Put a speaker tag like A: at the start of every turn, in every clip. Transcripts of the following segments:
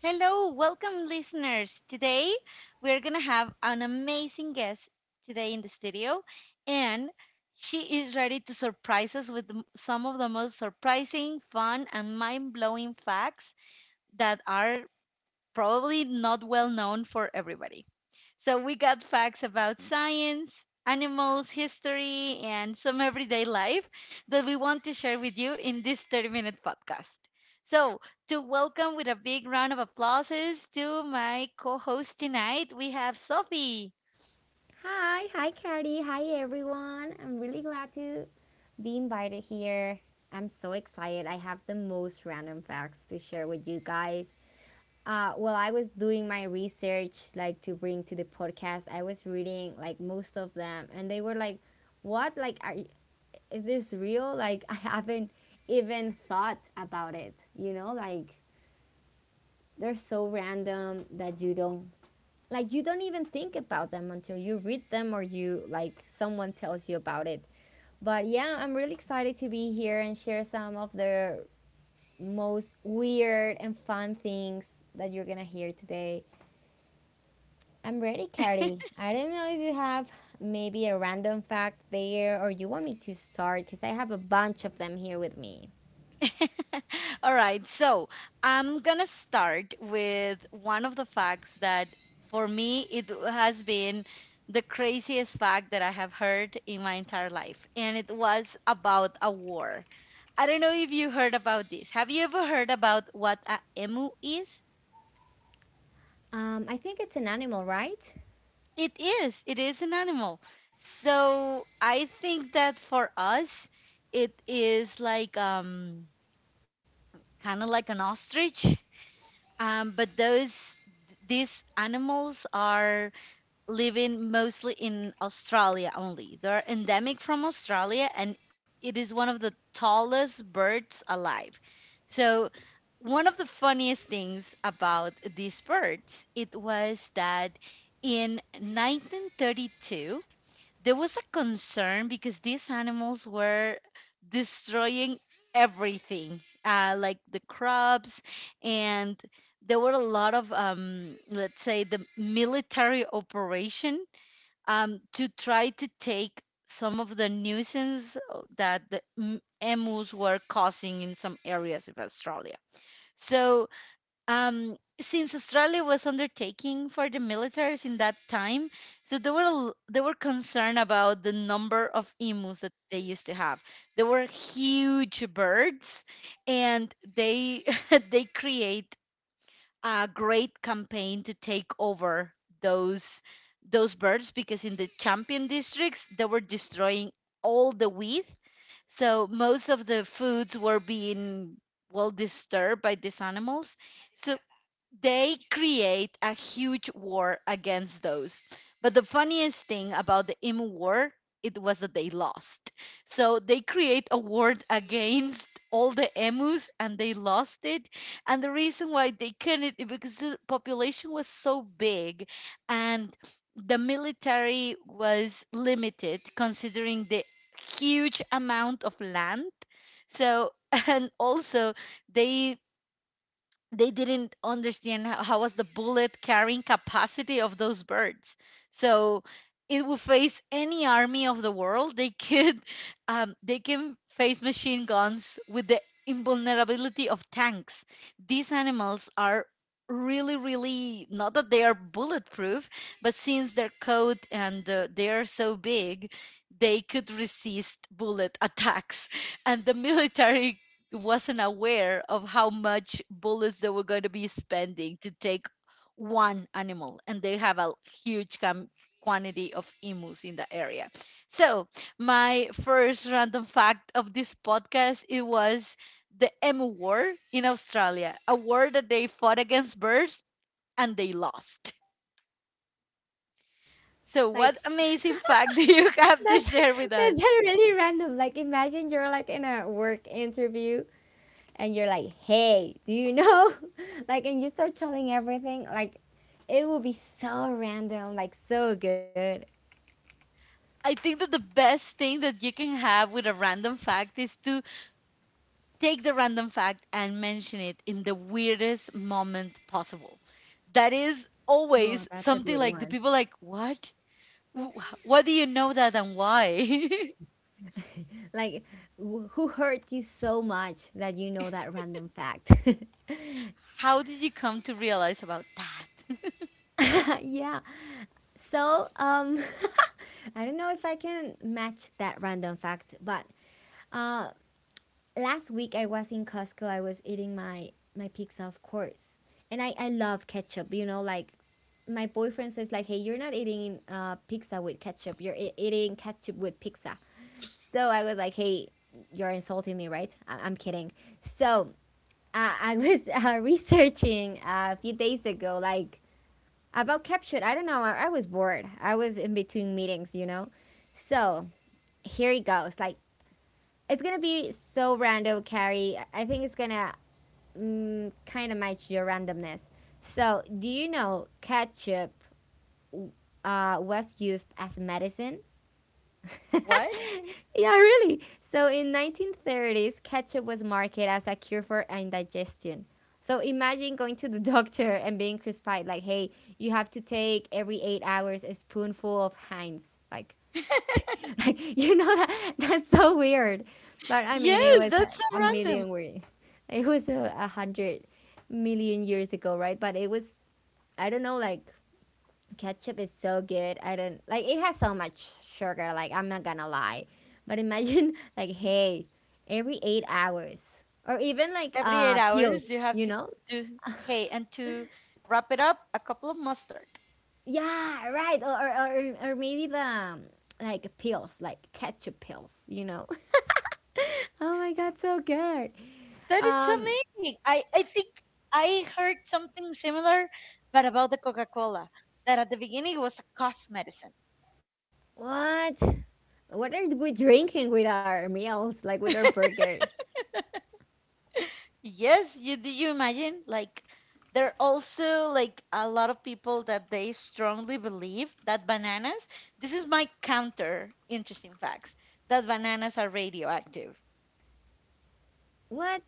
A: Hello, welcome, listeners. Today we're going to have an amazing guest today in the studio, and she is ready to surprise us with some of the most surprising, fun, and mind blowing facts that are probably not well known for everybody. So we got facts about science, animals, history, and some everyday life that we want to share with you in this 30-minute podcast. So, to welcome with a big round of applauses to my co host tonight, we have Sophie.
B: Hi, hi, Cardi. Hi, everyone. I'm really glad to be invited here. I'm so excited. I have the most random facts to share with you guys. While I was doing my research, like to bring to the podcast, I was reading like most of them, and they were like, "What? Like, are, is this real?" Like, I haven't even thought about it. They're so random that you don't like you don't even think about them until you read them or you like someone tells you about it, but yeah, I'm really excited to be here and share some of the most weird and fun things that you're gonna hear today. I'm ready, Carrie. I don't know if you have maybe a random fact there, or you want me to start because I have a bunch of them here with me.
A: All right, so I'm gonna start with one of the facts that for me it has been the craziest fact that I have heard in my entire life, and it was about a war. I don't know if you heard about this. Have you ever heard about what a emu is?
B: Um, I think it's an animal, right?
A: It is an animal. So I think that for us, it is like kind of like an ostrich. But those these animals are living mostly in Australia only. They're endemic from Australia, and it is one of the tallest birds alive. So one of the funniest things about these birds it was that in 1932 there was a concern because these animals were destroying everything, like the crops, and there were a lot of, let's say, the military operation to try to take some of the nuisance that the emus were causing in some areas of Australia. So, since Australia was undertaking for the militaries in that time, so they were they were concerned about the number of emus that they used to have. They were huge birds, and they they create a great campaign to take over those those birds because in the champion districts they were destroying all the wheat. So most of the foods were being well disturbed by these animals. So they create a huge war against those. But the funniest thing about the Emu War, it was that they lost. So they create a war against all the emus and they lost it. And the reason why they couldn't is because the population was so big and the military was limited considering the huge amount of land. So and also they they didn't understand how was the bullet carrying capacity of those birds. So it will face any army of the world. They could, they can face machine guns with the invulnerability of tanks. These animals are really, really not that they are bulletproof, but since their coat and they are so big, they could resist bullet attacks. And the military wasn't aware of how much bullets they were going to be spending to take one animal, and they have a huge quantity of emus in the area. So my first random fact of this podcast it was the emu war in Australia, a war that they fought against birds and they lost. So
B: Like,
A: what amazing fact do you have to
B: that's
A: share with us?
B: that's really random. Like, imagine you're like in a work interview and you're like, hey, do you know? Like, and you start telling everything, like, it will be so random, like, so good.
A: I think that the best thing that you can have with a random fact is to take the random fact and mention it in the weirdest moment possible. That is
B: Oh,
A: always
B: that's a good
A: something
B: one.
A: like the people like, what? Wh- What do you know that and why?
B: Like, who hurt you so much that you know that random fact?
A: How did you come to realize about that?
B: Yeah. So, I don't know if I can match that random fact, but uh, last week I was in Costco. I was eating my pizza, of course, and I love ketchup. You know, like my boyfriend says, like, hey, you're not eating pizza with ketchup. You're eating ketchup with pizza. So I was like, hey, you're insulting me, right? I'm kidding. So I was researching a few days ago, like about ketchup. I don't know. I was bored. I was in between meetings, you know. So here it goes. Like, it's gonna be so random, Carrie. I think it's gonna kind of match your randomness. So, do you know ketchup was used as medicine?
A: What?
B: Yeah, really. So, in 1930s, ketchup was marketed as a cure for indigestion. So, imagine going to the doctor and being prescribed like, hey, you have to take every 8 hours a spoonful of Heinz. Like, like, you know that that's so weird. But I mean,
A: Yes, that's so random.
B: it was a, 100 million years ago, right? But it was, I don't know, like ketchup is so good. I don't like it has so much sugar. Like, I'm not gonna lie, but imagine like, hey, every 8 hours or even like
A: Every eight hours,
B: pills,
A: you have
B: you
A: to
B: know?
A: do, hey, and to wrap it up, a couple of mustard.
B: Yeah, right. Or maybe the like pills, like ketchup pills, you know? Oh my god, so good.
A: That is
B: Um,
A: amazing. I think I heard something similar, but about the Coca Cola, that at the beginning it was a cough medicine.
B: What? What are we drinking with our meals, like with our burgers?
A: Yes, you do you imagine? Like there are also like a lot of people that they strongly believe that bananas, this is my counter interesting facts, that bananas are radioactive.
B: What?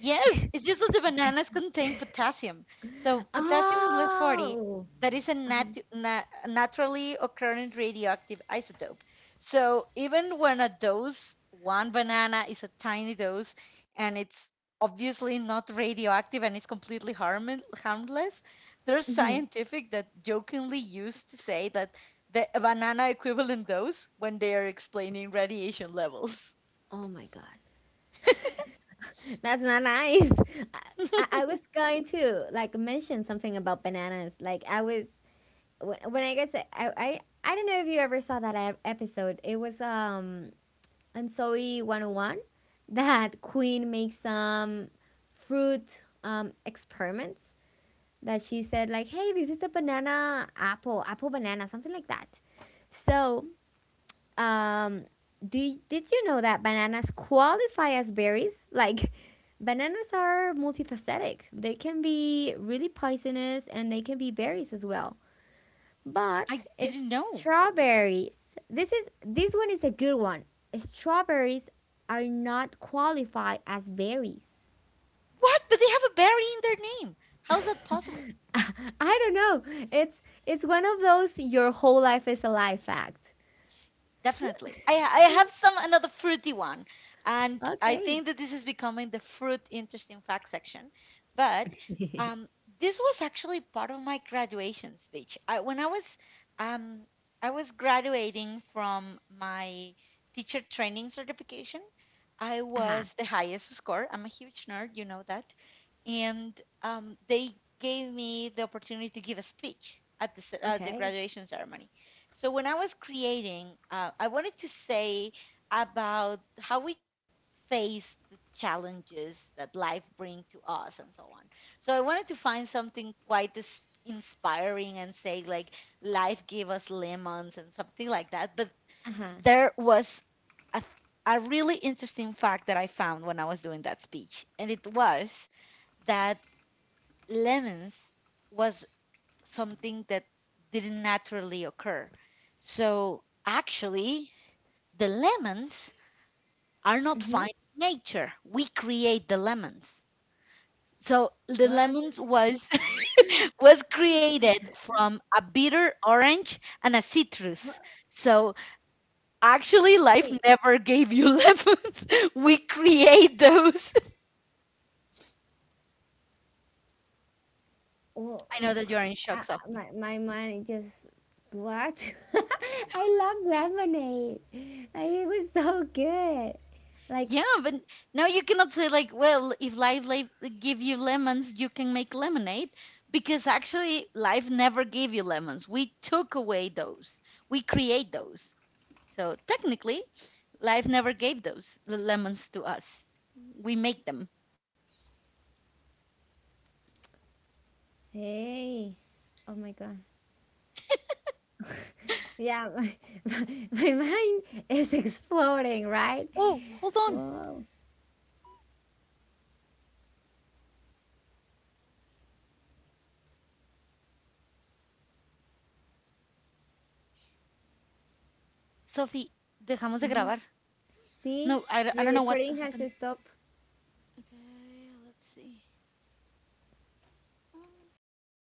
A: Yes, it's just that the bananas contain potassium. So potassium less 40,
B: Oh.
A: that is a naturally occurring radioactive isotope. So even when a dose, one banana is a tiny dose and it's obviously not radioactive and it's completely harmless, there's
B: Mhm.
A: scientific that jokingly used to say that the a banana equivalent dose when they are explaining radiation levels.
B: Oh my God. That's not nice. I, I was going to like mention something about bananas. Like, I was when I guess I don't know if you ever saw that episode. It was on Zoe 101 that Queen makes some fruit experiments that she said like, "Hey, this is a banana apple, apple banana, something like that." So, um, do did you know that bananas qualify as berries? Like, bananas are multifaceted. They can be really poisonous, and they can be berries as well. But
A: I didn't know.
B: strawberries. This is this one is a good one. Strawberries are not qualified as berries.
A: What? But they have a berry in their name. How is that possible?
B: I don't know. It's one of those your whole life is a life act.
A: Definitely. I have some another fruity one, and I
B: Okay.
A: think that this is becoming the fruit interesting fact section. But um, this was actually part of my graduation speech. I, when I was, um, I was graduating from my teacher training certification. I
B: Uh-huh.
A: was the highest score. I'm a huge nerd, you know that. And they gave me the opportunity to give a speech at the the
B: Okay.
A: graduation ceremony. So when I was creating, I wanted to say about how we face the challenges that life brings to us and so on. So I wanted to find something quite inspiring and say like life gave us lemons and something like that. But
B: Uh-huh.
A: there was a, a really interesting fact that I found when I was doing that speech, and it was that lemons was something that didn't naturally occur. So actually, the lemons are not finding nature. We create the lemons. So the lemons was was created from a bitter orange and a citrus. So actually, life never gave you lemons. We create those. I know that you're in shock, Sophie. Yeah, but now you cannot say like, well, if life give you lemons, you can make lemonade, because actually life never gave you lemons. We took away those. We create those. So technically, life never gave those the lemons to us. We make them. Oh, hold on, Sophie. Dejamos de grabar. No, I don't know what happened. Okay, let's see.